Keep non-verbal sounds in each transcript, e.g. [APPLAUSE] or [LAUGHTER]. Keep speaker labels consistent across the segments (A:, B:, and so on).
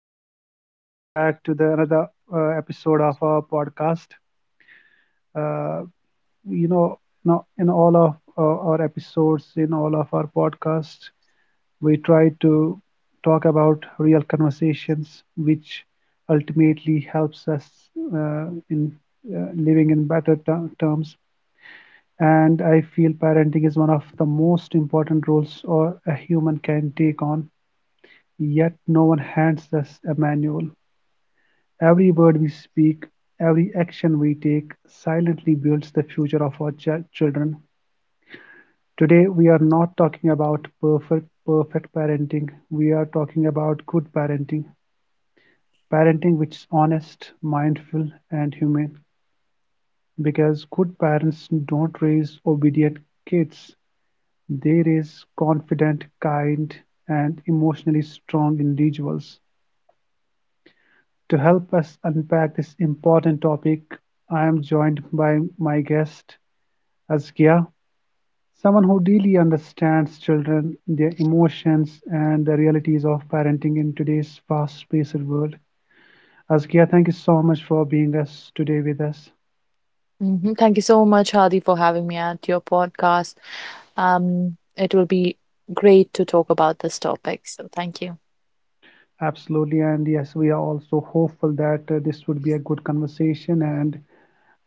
A: and welcome back to the another episode of our podcast. Uh, you know, now in all of our episodes, in all of our podcasts, we try to talk about real conversations, which ultimately helps us uh, in living in better terms. And I feel parenting is one of the most important roles or a human can take on. Yet, no one hands us a manual. Every word we speak, every action we take, silently builds the future of our children. Today, we are not talking about perfect parenting. We are talking about good parenting, parenting which is honest, mindful, and humane. Because good parents don't raise obedient kids; they raise confident, kind, and emotionally strong individuals. To help us unpack this important topic, I am joined by my guest, Askia, someone who deeply understands children, their emotions, and the realities of parenting in today's fast-paced world. Askia, thank you so much for being us today with us.
B: Thank you so much, Hadi, for having me at your podcast. It will be great to talk about this topic. So thank you.
A: Absolutely, and yes, we are also hopeful that this would be a good conversation and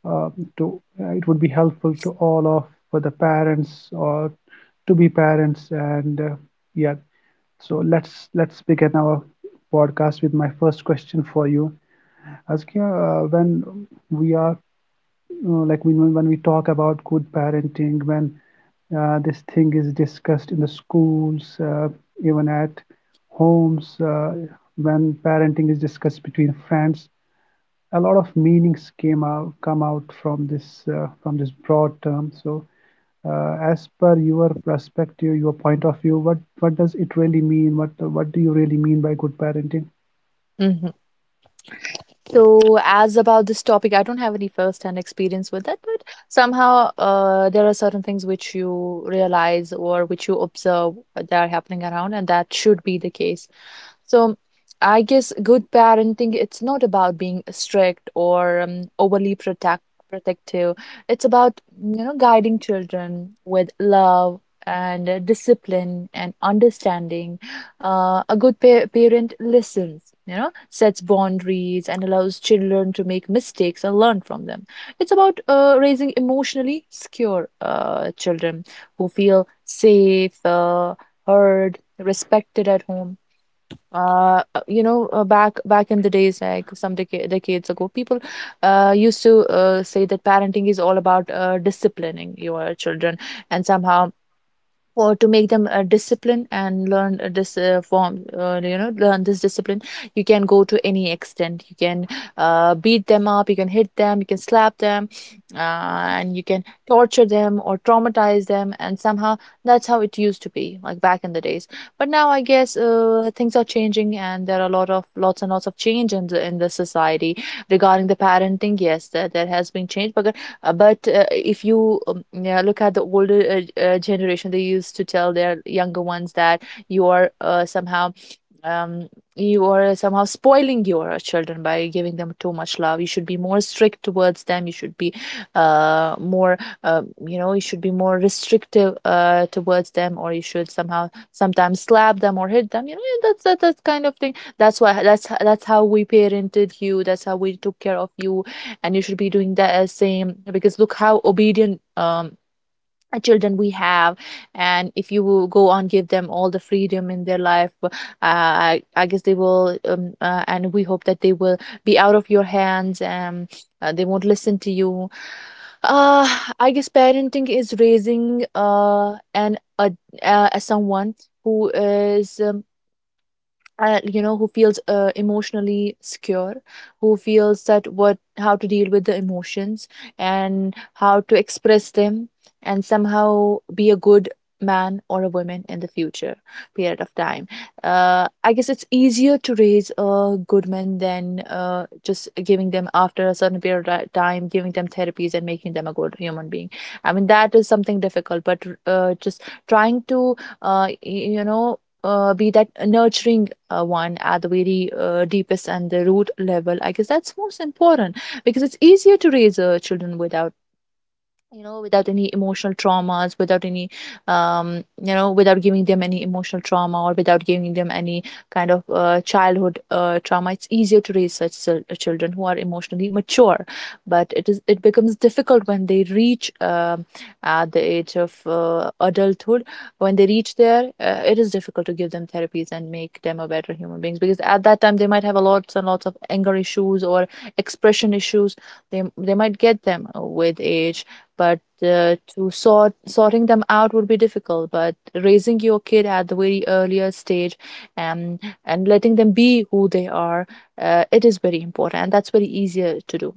A: uh, to it would be helpful to all of for the parents or to be parents. Yeah, so let's begin our podcast with my first question for you. Askia, when we are like we when we talk about good parenting, when this thing is discussed in the schools, even at homes, when parenting is discussed between friends, a lot of meanings came out come out from this broad term. So, as per your perspective, your point of view, what does it really mean? What do you really mean by good parenting?
B: hmm So as about this topic, I don't have any first-hand experience with it, but somehow there are certain things which you realize or which you observe that are happening around, and that should be the case. So I guess good parenting, it's not about being strict or overly protective. It's about, you know, guiding children with love and discipline and understanding. A good pa parent listens, you know, sets boundaries and allows children to make mistakes and learn from them. It's about raising emotionally secure children who feel safe, heard, respected at home. Back in the days, like some decades ago, people used to say that parenting is all about disciplining your children, and somehow for to make them discipline and learn this form, you know, learn this discipline, you can go to any extent. You can beat them up, you can hit them, you can slap them, and you can torture them or traumatize them, and somehow that's how it used to be like back in the days. But now I guess things are changing, and there are a lot of lots and lots of change in the society regarding the parenting. Yes, there has been change, but if you yeah, look at the older generation, they used to tell their younger ones that you are somehow um, you are somehow spoiling your children by giving them too much love. You should be more strict towards them. You should be more, you know, you should be more restrictive towards them, or you should somehow sometimes slap them or hit them. You know, yeah, that's that kind of thing. That's why that's how we parented you. That's how we took care of you, and you should be doing that as same because look how obedient. Children we have, and if you will go on give them all the freedom in their life, I guess they will and we hope that they will be out of your hands and they won't listen to you. uh, I guess parenting is raising someone who is you know, who feels emotionally secure, who feels that what how to deal with the emotions and how to express them, and somehow be a good man or a woman in the future period of time. I guess it's easier to raise a good man than just giving them after a certain period of time giving them therapies and making them a good human being. I mean that is something difficult, but just trying to you know be that nurturing one at the very deepest and the root level, I guess that's most important, because it's easier to raise children without, you know, without any emotional traumas, without any um you know, without giving them any emotional trauma or without giving them any kind of childhood trauma. It's easier to raise such children who are emotionally mature, but it becomes difficult when they reach at the age of adulthood. When they reach there, it is difficult to give them therapies and make them a better human beings, because at that time they might have a lots and lots of anger issues or expression issues. They might get them with age, but to sort sorting them out would be difficult. But raising your kid at the very earlier stage, um, and letting them be who they are, it is very important and that's very easier to do.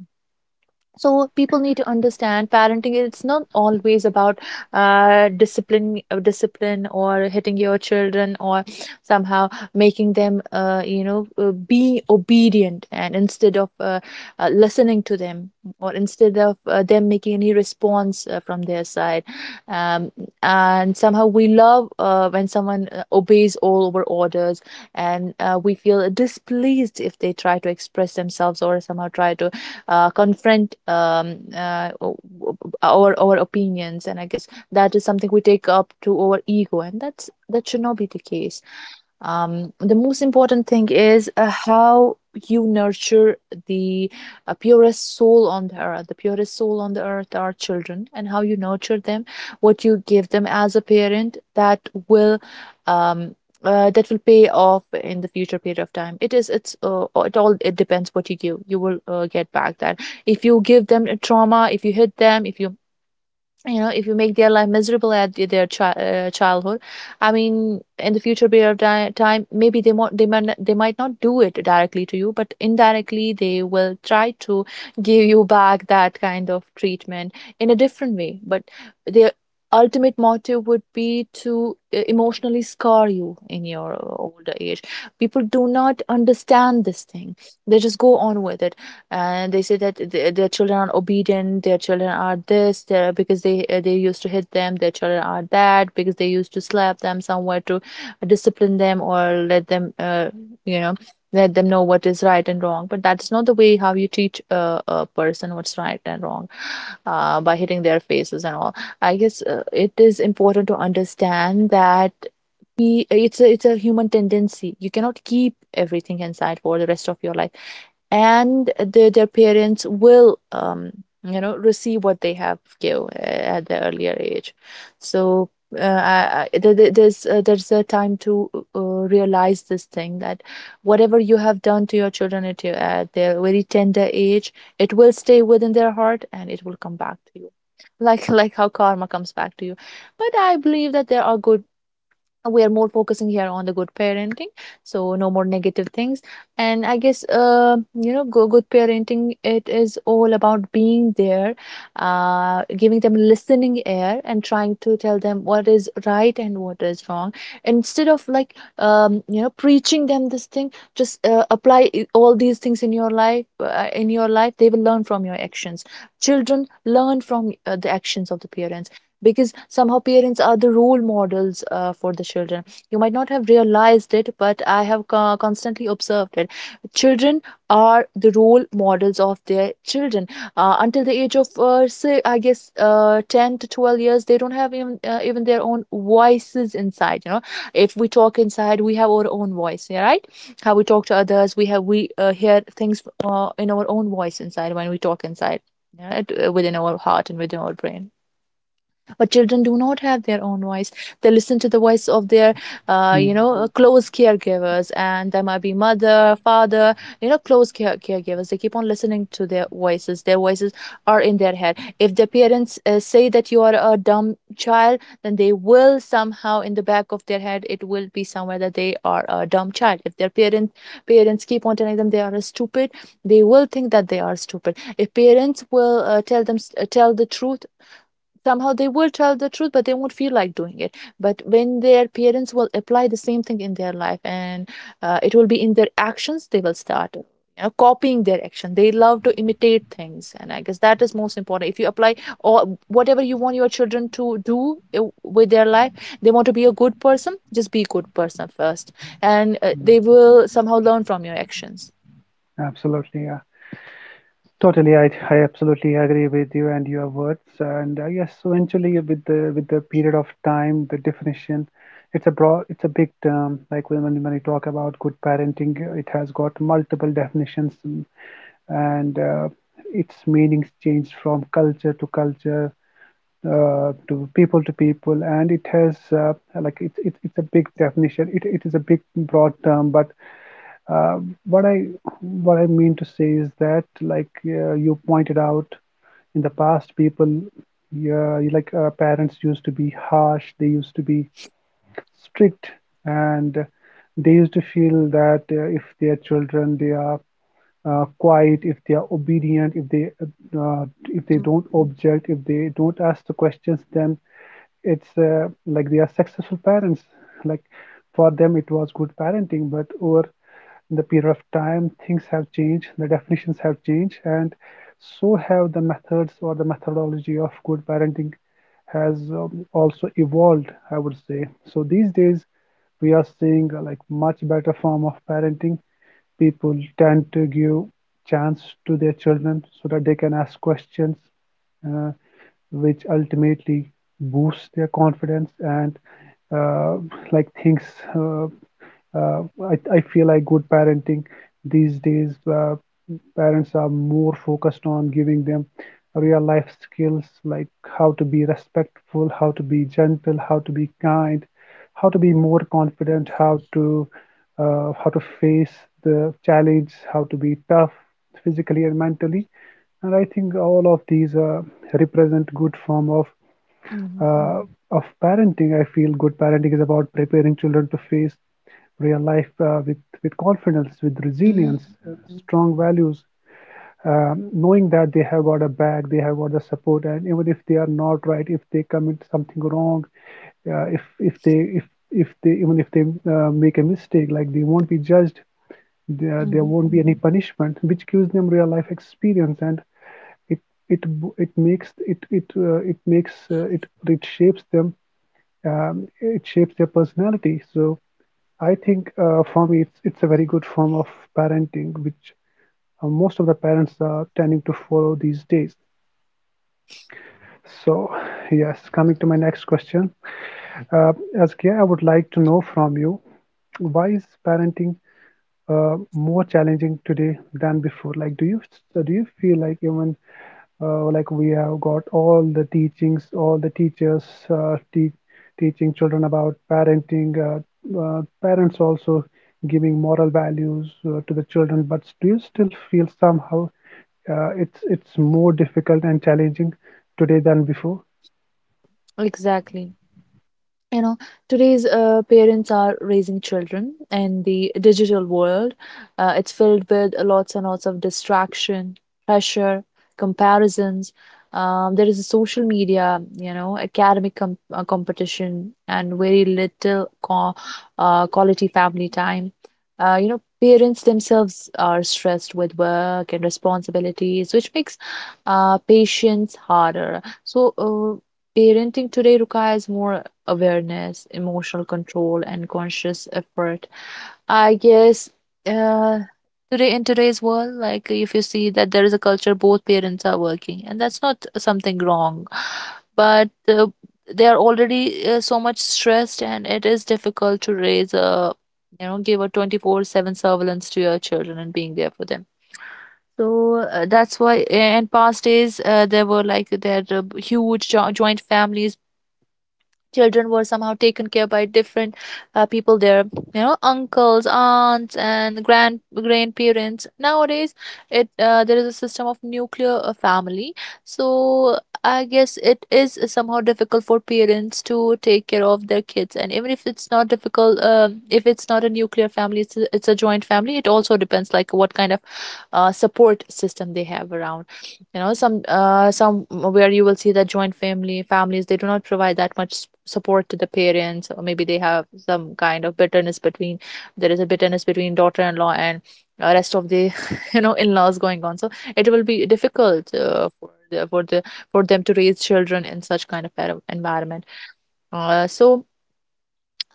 B: So people need to understand parenting, it's not always about discipline or hitting your children or somehow making them you know be obedient, and instead of listening to them or instead of them making any response from their side. um, and somehow we love when someone obeys all our orders, and we feel displeased if they try to express themselves or somehow try to confront our opinions, and I guess that is something we take up to our ego, and that should not be the case. The most important thing is how you nurture the purest soul on the earth. The purest soul on the earth are children, and how you nurture them, what you give them as a parent, will um, that will pay off in the future period of time. It's it all it depends what you give. You will get back that. If you give them a trauma, if you hit them, if you, you know, if you make their life miserable at childhood, I mean, in the future period of time, maybe they might they might not do it directly to you, but indirectly they will try to give you back that kind of treatment in a different way, but their ultimate motive would be to emotionally scar you in your older age. People do not understand this thing, they just go on with it, and they say that their children are obedient, their children are this, because they used to hit them, their children are that because they used to slap them somewhere to discipline them or let them you know let them know what is right and wrong. But that's not the way how you teach a person what's right and wrong, by hitting their faces and all. I guess it is important to understand that it's it's a human tendency, you cannot keep everything inside for the rest of your life, and their parents will you know receive what they have give at the earlier age. So there's a time to realize this thing, that whatever you have done to your children at their very tender age, it will stay within their heart and it will come back to you, like [LAUGHS] like how karma comes back to you. But I believe that there are good, we are more focusing here on the good parenting, so no more negative things. And I guess you know good parenting, it is all about being there, giving them listening ear and trying to tell them what is right and what is wrong, instead of like you know preaching them this thing, just apply all these things in your life in your life. They will learn from your actions. Children learn from the actions of the parents, because somehow parents are the role models for the children. You might not have realized it, but I have constantly observed it. Children are the role models of their children until the age of say I guess 10 to 12 years. They don't have even even their own voices inside. You know, if we talk inside, we have our own voice. Yeah, right? How we talk to others, we hear things in our own voice inside when we talk inside. Yeah, within our heart and within our brain. But children do not have their own voice, they listen to the voice of their
A: Mm,
B: you know close caregivers, and there might be mother, father, you know, close caregivers. They keep on listening to their voices. Their voices are in their head. If their parents say that you are a dumb child, then they will somehow in the back of their head it will be somewhere that they are a dumb child. If their parents parents keep on telling them they are stupid, they will think that they are stupid. If parents will tell the truth, somehow they will tell the truth but they won't feel like doing it. But when their parents will apply the same thing in their life, and it will be in their actions, they will start, you know, copying their action. They love to imitate things, and I guess that is most important. If you apply, or whatever you want your children to do with their life, they want to be a good person, just be a good person first, and they will somehow learn from your actions.
A: absolutely, yeah. Totally, I absolutely agree with you and your words. And yes, so eventually, with the period of time, the definition, it's a broad, it's a big term. Like when you talk about good parenting, it has got multiple definitions, mm, and its meanings change from culture to culture, to people, and it has it's it's a big definition. It is a big broad term, but uh, what I mean to say is that, like you pointed out, in the past, people, yeah, like parents used to be harsh. They used to be strict, and they used to feel that if their children they are quiet, if they are obedient, if they
B: Mm.
A: don't object, if they don't ask the questions, then it's like they are successful parents, like for them it was good parenting. But over the period of time, things have changed, the definitions have changed, and so have the methods or the methodology of good parenting has also evolved, I would say. So these days we are seeing like much better form of parenting. People tend to give chance to their children so that they can ask questions, uh, which ultimately boosts their confidence and uh, like things uh, I feel like good parenting these days, parents are more focused on giving them real life skills, like how to be respectful, how to be gentle, how to be kind, how to be more confident, how to face the challenge, how to be tough physically and mentally. And I think all of these represent good form of
B: Mhm.
A: uh, parenting. I feel good parenting is about preparing children to face real life with confidence, with
B: Mm.
A: resilience,
B: Mm.
A: strong values, knowing that they have got a back, they have got the support, and even if they are not right, if they commit something wrong, uh, if if they if if they even if they make a mistake, like they won't be judged, there
B: Mhm.
A: won't be any punishment, which gives them real life experience. And it it it makes it it it makes it it shapes them, it shapes their personality. So I think for me, it's a very good form of parenting, which most of the parents are tending to follow these days. So yes, coming to my next question, uh, Askia, I would like to know from you, why is parenting more challenging today than before? Like, do you feel like even we have got all the teachings, all the teachers uh, te- teaching children about parenting, parents also giving moral values to the children, but do you still feel somehow it's more difficult and challenging today than before?
B: Exactly. you know today's parents are raising children in the digital world. It's filled with lots and lots of distraction, pressure, comparisons. There is a social media, academic competition and very little quality family time. Parents themselves are stressed with work and responsibilities, which makes patience harder, so parenting today requires more awareness, emotional control, and conscious effort. I guess uh, today in today's world, like, if you see that there is a culture both parents are working, and that's not something wrong, but they are already so much stressed, and it is difficult to raise a, you know, give a 24/7 surveillance to your children and being there for them. So that's why in past days there were like there huge joint families. Children were somehow taken care by different people there, you know, uncles, aunts, and grandparents. Nowadays it there is a system of nuclear family, so I guess it is somehow difficult for parents to take care of their kids. And even if it's not difficult, um, if it's not a nuclear family, it's a joint family, it also depends like what kind of support system they have around. You know, some some where you will see that joint family families, they do not provide that much support to the parents, or maybe they have some kind of bitterness between, there is a bitterness between daughter-in-law and rest of the [LAUGHS] you know in-laws going on. So it will be difficult for the, for them to raise children in such kind of environment. uh, so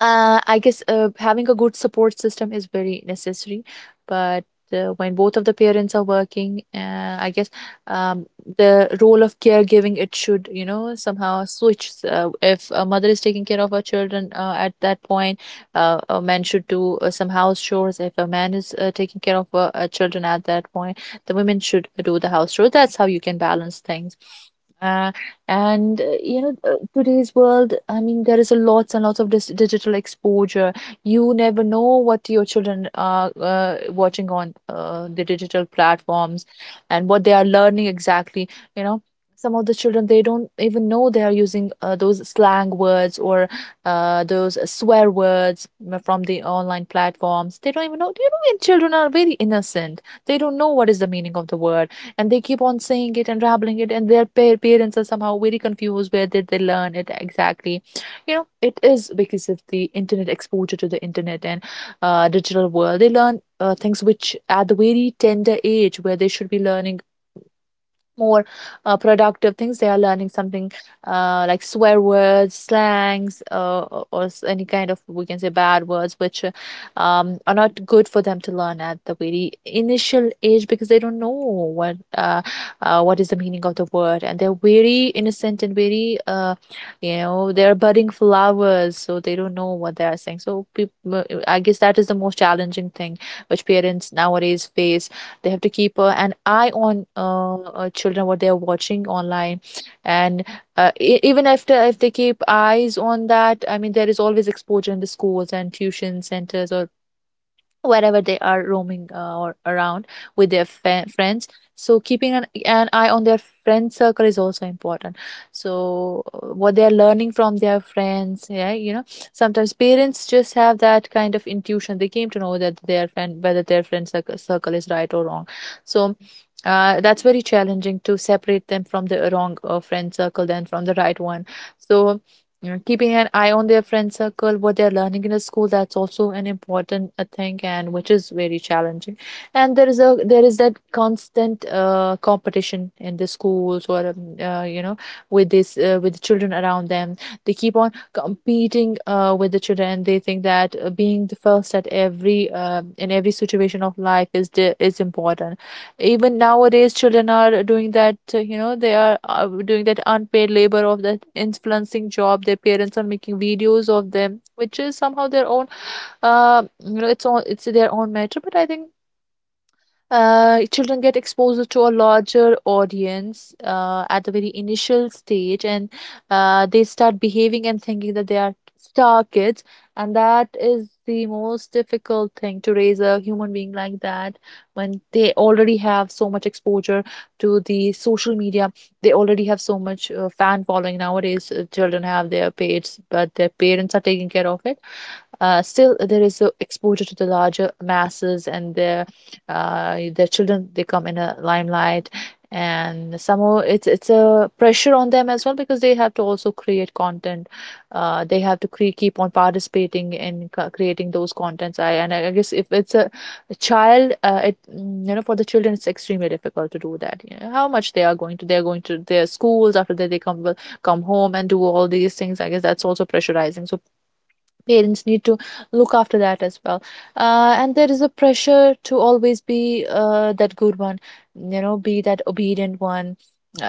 B: uh, I guess having a good support system is very necessary, but when both of the parents are working, I guess um, the role of caregiving, it should, you know, somehow switch. If a mother is taking care of her children at that point, a man should do some house chores. If a man is taking care of children at that point, the women should do the house chores. That's how you can balance things. Uh, Today's world, I mean, there is a lots and lots of dis digital exposure. You never know what your children are watching on the digital platforms and what they are learning exactly. You know, some of the children, they don't even know they are using those slang words or those swear words from the online platforms. They don't even know. You know, and children are very innocent. They don't know what is the meaning of the word, and they keep on saying it and rambling it, and their parents are somehow very confused where did they learn it exactly. You know, it is because of the internet, exposure to the internet and digital world. They learn things which at the very tender age where they should be learning more productive things. They are learning something like swear words, slangs, or any kind of, we can say, bad words, which are not good for them to learn at the very initial age, because they don't know what is the meaning of the word, and they're very innocent and very you know they're budding flowers, so they don't know what they are saying. So I guess that is the most challenging thing which parents nowadays face. They have to keep an eye on children, what they are watching online, and even after if they keep eyes on that, I mean, there is always exposure in the schools and tuition centers or wherever they are roaming or around with their friends. So keeping an eye on their friend circle is also important, so what they are learning from their friends, yeah, you know, sometimes parents just have that kind of intuition, they came to know that their friend, whether their friend circle is right or wrong. So that's very challenging to separate them from the wrong friend circle than from the right one. So yeah, keeping an eye on their friend circle, what they're learning in the school, that's also an important thing, and which is very challenging. And there is that constant competition in the schools or with this with the children around them. They keep on competing with the children, and they think that being the first at every in every situation of life is is important. Even nowadays children are doing that, you know, they are doing that unpaid labor of that influencing job. Their parents are making videos of them, which is somehow their own, you know, it's all, it's their own matter, but I think children get exposed to a larger audience at the very initial stage, and they start behaving and thinking that they are star kids, and that is the most difficult thing to raise a human being like that when they already have so much exposure to the social media. They already have so much fan following. Nowadays children have their page, but their parents are taking care of it. Still there is a exposure to the larger masses, and their children, they come in a limelight, and somehow it's a pressure on them as well, because they have to also create content. They have to keep on participating in creating those contents. I and i guess if a child, you know, for the children it's extremely difficult to do that. You know, how much they are going to, they're going to their schools, after that they come will come home and do all these things. I guess that's also pressurizing, so parents need to look after that as well. And there is a pressure to always be that good one, you know, be that obedient one,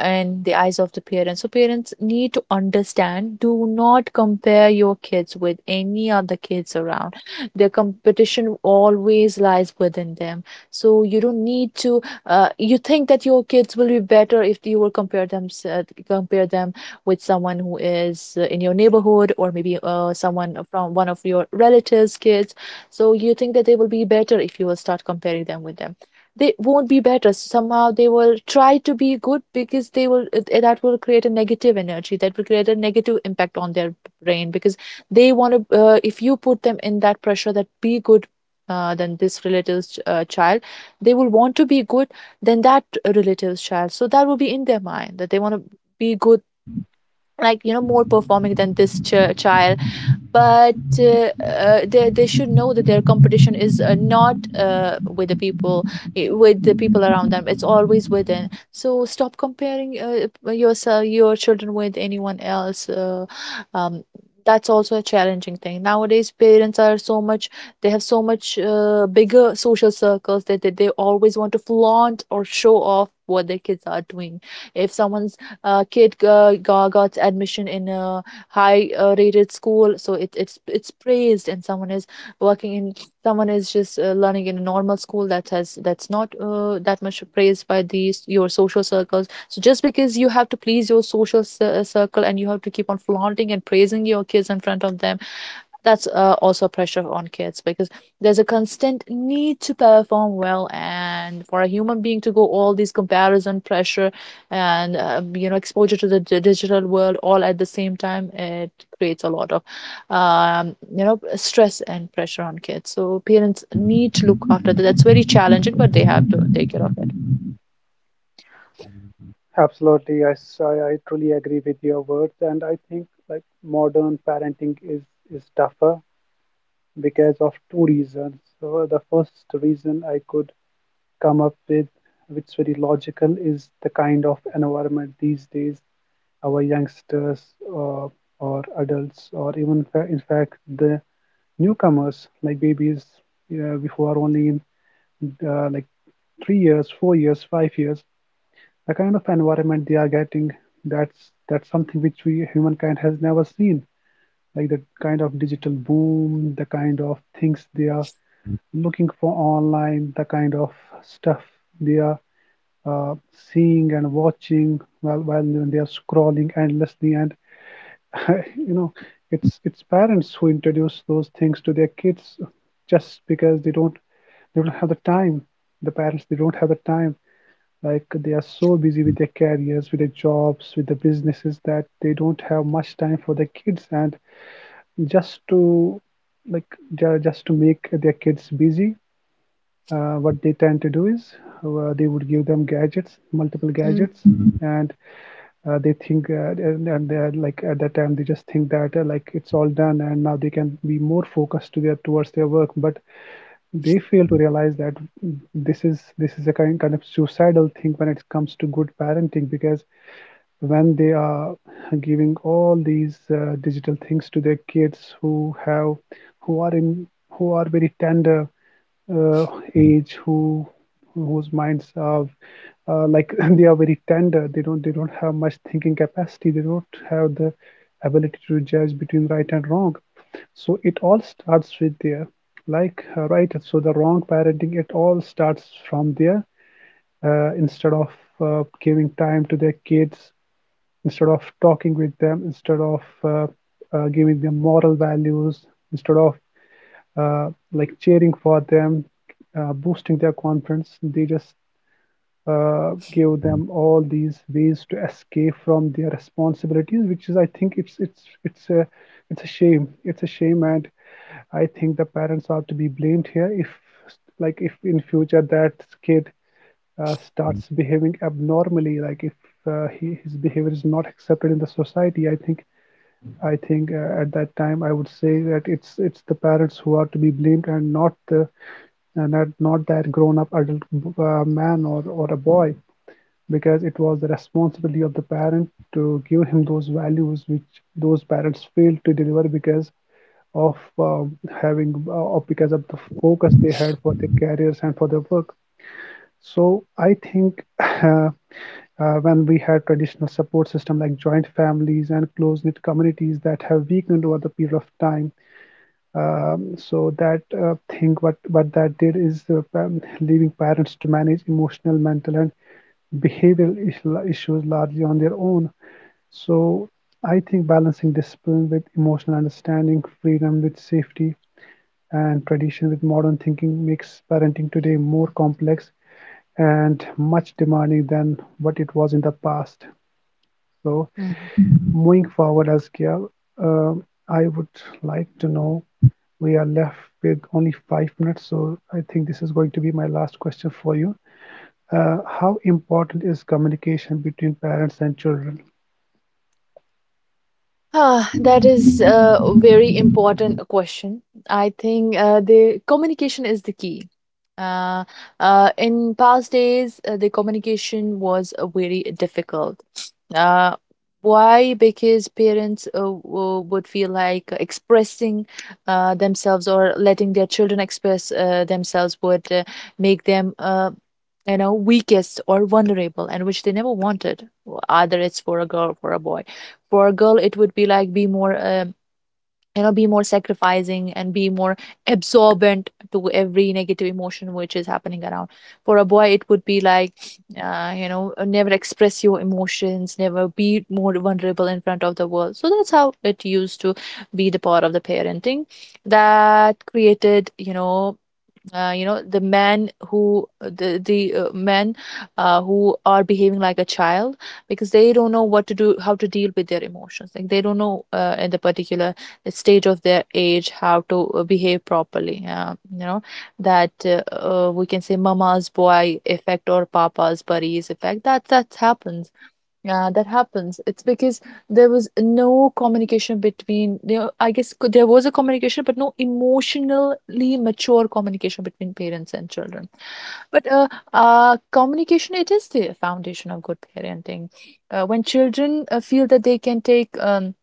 B: in the eyes of the parents. So parents need to understand, do not compare your kids with any other kids around. Their competition always lies within them. So you don't need to you think that your kids will be better if you will compare them with someone who is in your neighborhood, or maybe someone from one of your relatives' kids. So you think that they will be better if you will start comparing them with them. They won't be better. So somehow they will try to be good, because they will that will create a negative energy, that will create a negative impact on their brain, because they want to if you put them in that pressure that be good than this relative's child, they will want to be good than that relative's child. So that will be in their mind, that they want to be good, like, you know, more performing than this child. But they should know that their competition is not with the people, with the people around them, it's always within. So stop comparing yourself, your children, with anyone else. Um, that's also a challenging thing. Nowadays parents are so much, they have so much bigger social circles, that they always want to flaunt or show off what their kids are doing. If someone's kid got admission in a high rated school, so it's praised. And someone is working in, someone is just learning in a normal school, that has that's not that much praised by these your social circles. So just because you have to please your social circle, and you have to keep on flaunting and praising your kids in front of them, that's also pressure on kids. Because there's a constant need to perform well, and for a human being to go all these comparison pressure and you know exposure to the digital world all at the same time, it creates a lot of you know stress and pressure on kids. So parents need to look after that, that's very challenging, but they have to take care of it.
A: Absolutely, I truly agree with your words, and I think like modern parenting is tougher because of two reasons. So the first reason I could come up with, which is very logical, is the kind of environment these days our youngsters uh, or adults or even in fact the newcomers like babies who are only in like 3 years, 4 years, 5 years, the kind of environment they are getting, that's something which we humankind has never seen, like the kind of digital boom, the kind of things they are looking for online, the kind of stuff they are uh, seeing and watching while they are scrolling endlessly. And [LAUGHS] you know, it's parents who introduce those things to their kids just because they don't have the time. The parents, they don't have the time. Like they are so busy with their careers, with their jobs, with their businesses that they don't have much time for their kids, and just to like just to make their kids busy, what they tend to do is they would give them gadgets, multiple
B: Mm.
A: gadgets. And they're like, at that time they just think that like it's all done and now they can be more focused to their towards their work, but they fail to realize that, mm, this is a kind of suicidal thing when it comes to good parenting, because when they are giving all these digital things to their kids who have who are in who are very tender uh, age, whose minds are uh, like [LAUGHS] they are very tender, they don't have much thinking capacity, they don't have the ability to judge between right and wrong. So it all starts with their the wrong parenting, it all starts from there. Instead of giving time to their kids, instead of talking with them, instead of giving them moral values, instead of like cheering for them, boosting their confidence, they just give them all these ways to escape from their responsibilities, which is, I think, it's a shame. It's a shame, and I think the parents are to be blamed here. If like, if in future that kid starts behaving abnormally, like if his behavior is not accepted in the society, I think at that time I would say that it's the parents who are to be blamed and not the and not that grown up adult man or a boy, because it was the responsibility of the parent to give him those values which those parents failed to deliver because of having or because of the focus they had for their careers and for their work. So I think [LAUGHS] when we had traditional support system like joint families and close knit communities, that have weakened over the period of time, so that thing, what that did is leaving parents to manage emotional, mental, and behavioral issues largely on their own. So I think balancing discipline with emotional understanding, freedom with safety, and tradition with modern thinking makes parenting today more complex and much demanding than what it was in the past. So
B: Mhm.
A: moving forward, as Kiel, um, I would like to know, we are left with only 5 minutes, so I think this is going to be my last question for you. How important is communication between parents and children?
B: Ah, that is a very important question. I think the communication is the key. Uh, in past days, the communication was very difficult. Uh, why? Because parents would feel like expressing themselves, or letting their children express themselves would make them weakest or vulnerable, and which they never wanted, either it's for a girl or for a boy. For a girl, it would be like be more, be more sacrificing and be more absorbent to every negative emotion which is happening around. For a boy, it would be like, never express your emotions, never be more vulnerable in front of the world. So that's how it used to be the part of the parenting that created, you know, the men who are behaving like a child, because they don't know what to do, how to deal with their emotions. Like they don't know, in the particular stage of their age, how to behave properly, you know, that we can say mama's boy effect or papa's buddies effect, that happens. Yeah, that happens. It's because there was no communication between, you know, I guess there was a communication, but no emotionally mature communication between parents and children. But communication, it is the foundation of good parenting. When children feel that they can take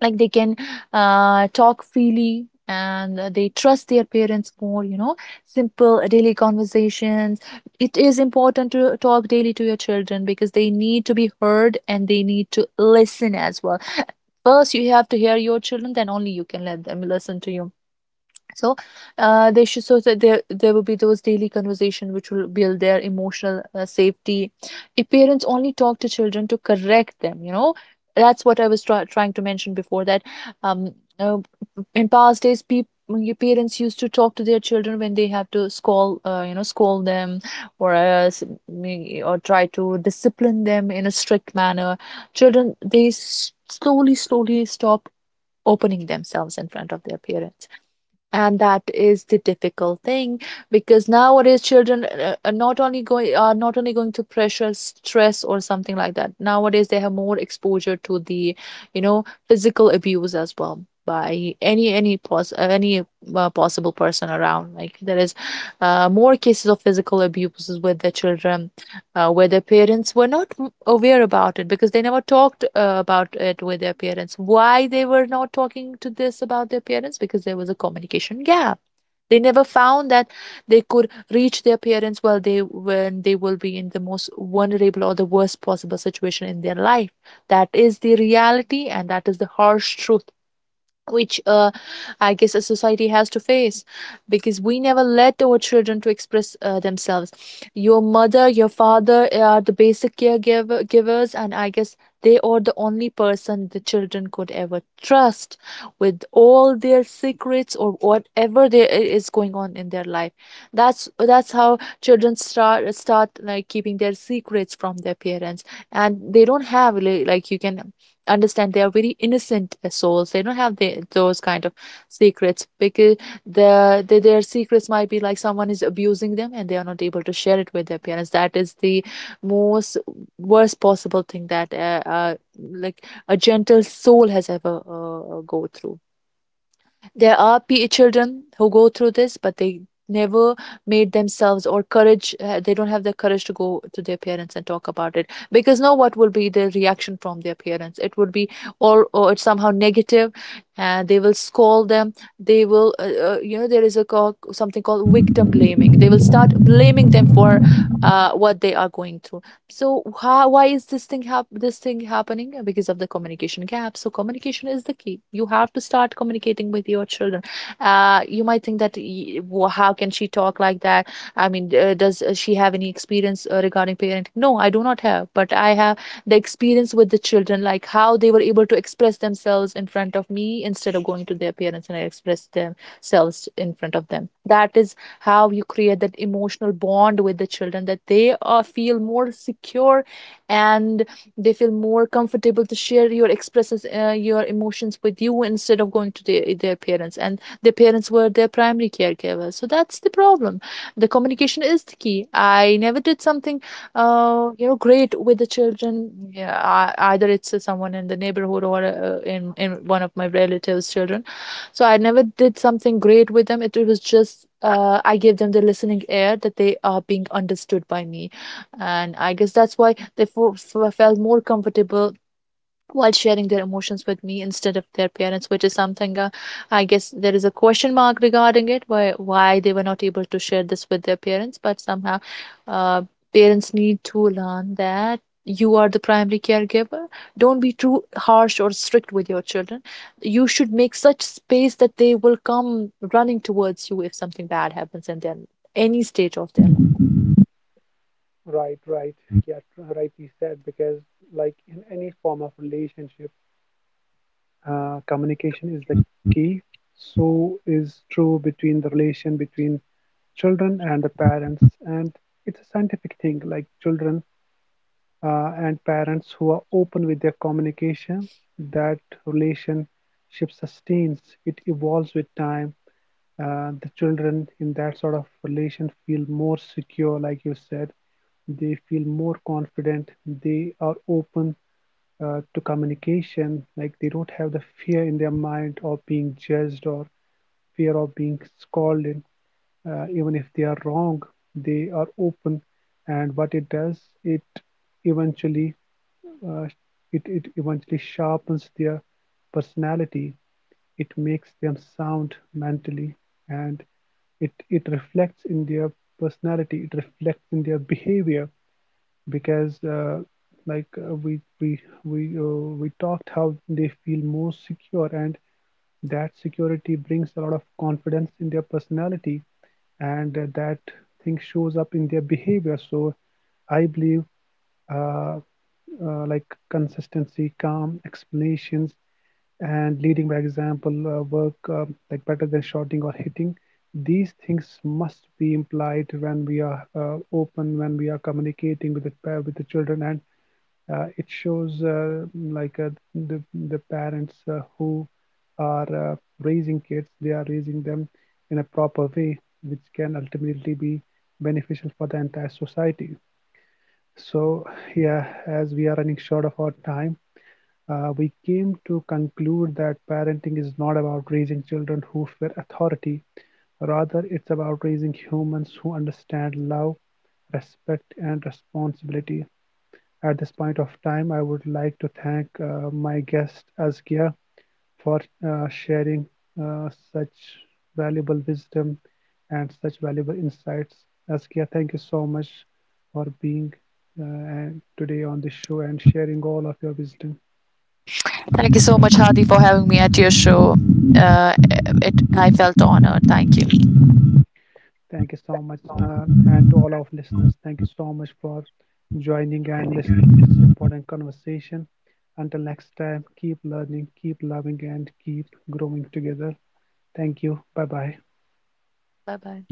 B: like they can talk freely, and they trust their parents more, you know, simple daily conversations. It is important to talk daily to your children, because they need to be heard and they need to listen as well. First you have to hear your children, then only you can let them listen to you. So they should, so that there will be those daily conversation which will build their emotional safety. If parents only talk to children to correct them, you know, that's what I was trying to mention before, that um, uh, in past days people, your parents used to talk to their children when they have to scold, scold them, or or try to discipline them in a strict manner, children they slowly slowly stop opening themselves in front of their parents. And that is the difficult thing, because nowadays children are not only going to pressure, stress or something like that. Nowadays they have more exposure to the, you know, physical abuse as well by any possible person around. Like there is more cases of physical abuses with the children, where their parents were not aware about it, because they never talked about it with their parents. Why they were not talking to this about their parents? Because there was a communication gap. They never found that they could reach their parents while they when they will be in the most vulnerable or the worst possible situation in their life. That is the reality, and that is the harsh truth, which I guess a society has to face, because we never let our children to express themselves. Your mother, your father, are the basic caregiver givers, and I guess they are the only person the children could ever trust with all their secrets or whatever is going on in their life. That's how children start like keeping their secrets from their parents. And they don't have like, you can understand, they are very innocent souls. They don't have those kind of secrets, because their secrets might be like someone is abusing them and they are not able to share it with their parents. That is the most worst possible thing that like a gentle soul has ever go through. There are p- E children who go through this, but they never made themselves or courage, they don't have the courage to go to their parents and talk about it, because know what will be the reaction from their parents. It would be all, or it's somehow negative, and they will scold them. They will, you know, there is a call, something called victim blaming. They will start blaming them for what they are going through. So how, why is this thing hap this thing happening? Because of the communication gap. So communication is the key. You have to start communicating with your children. You might think that how can she talk like that? I mean, does she have any experience regarding parenting? No, I do not have, but I have the experience with the children, like how they were able to express themselves in front of me instead of going to their parents, and I express themselves in front of them. That is how you create that emotional bond with the children, that they feel more secure, and they feel more comfortable to share your expresses, your emotions with you, instead of going to their parents, and their parents were their primary caregivers. So that's the problem. The communication is the key. I never did something great with the children. Yeah, I, either it's someone in the neighborhood, or in one of my relatives children. So I never did something great with them. It was just I gave them the listening ear, that they are being understood by me, and I guess that's why they felt more comfortable while sharing their emotions with me instead of their parents, which is something, I guess there is a question mark regarding it, why they were not able to share this with their parents. But somehow uh, parents need to learn that you are the primary caregiver. Don't be too harsh or strict with your children. You should make such space that they will come running towards you if something bad happens in their any stage of their life.
A: Right, right. Yeah, rightly said. Because, like in any form of relationship, communication is the key. So is true between the relation between children and the parents, and it's a scientific thing. Like children and parents who are open with their communication, that relationship sustains, it evolves with time. The children in that sort of relation feel more secure, like you said, they feel more confident. They are open to communication. Like they don't have the fear in their mind of being judged or fear of being scolded. Even if they are wrong, they are open. And what it does, it eventually uh, it, it eventually sharpens their personality, it makes them sound mentally, and it reflects in their personality, it reflects in their behavior, because we talked how they feel more secure, and that security brings a lot of confidence in their personality, and that thing shows up in their behavior. So I believe uh, like consistency, calm explanations, and leading by example work, um, like better than shouting or hitting. These things must be implied when we are open, when we are communicating with with the children, and it shows the parents who are raising kids, they are raising them in a proper way, which can ultimately be beneficial for the entire society. So, yeah, as we are running short of our time, we came to conclude that parenting is not about raising children who fear authority. Rather, it's about raising humans who understand love, respect, and responsibility. At this point of time, I would like to thank my guest Azkia for sharing such valuable wisdom and such valuable insights. Azkia, thank you so much for being uh, today on this show and sharing all of your wisdom.
B: Thank you so much, Hadi, for having me at your show. Uh, it I felt honored. Thank you.
A: Thank you so much, and to all of listeners, thank you so much for joining and listening to this important conversation. Until next time, keep learning, keep loving, and keep growing together. Thank you. Bye bye.
B: Bye bye.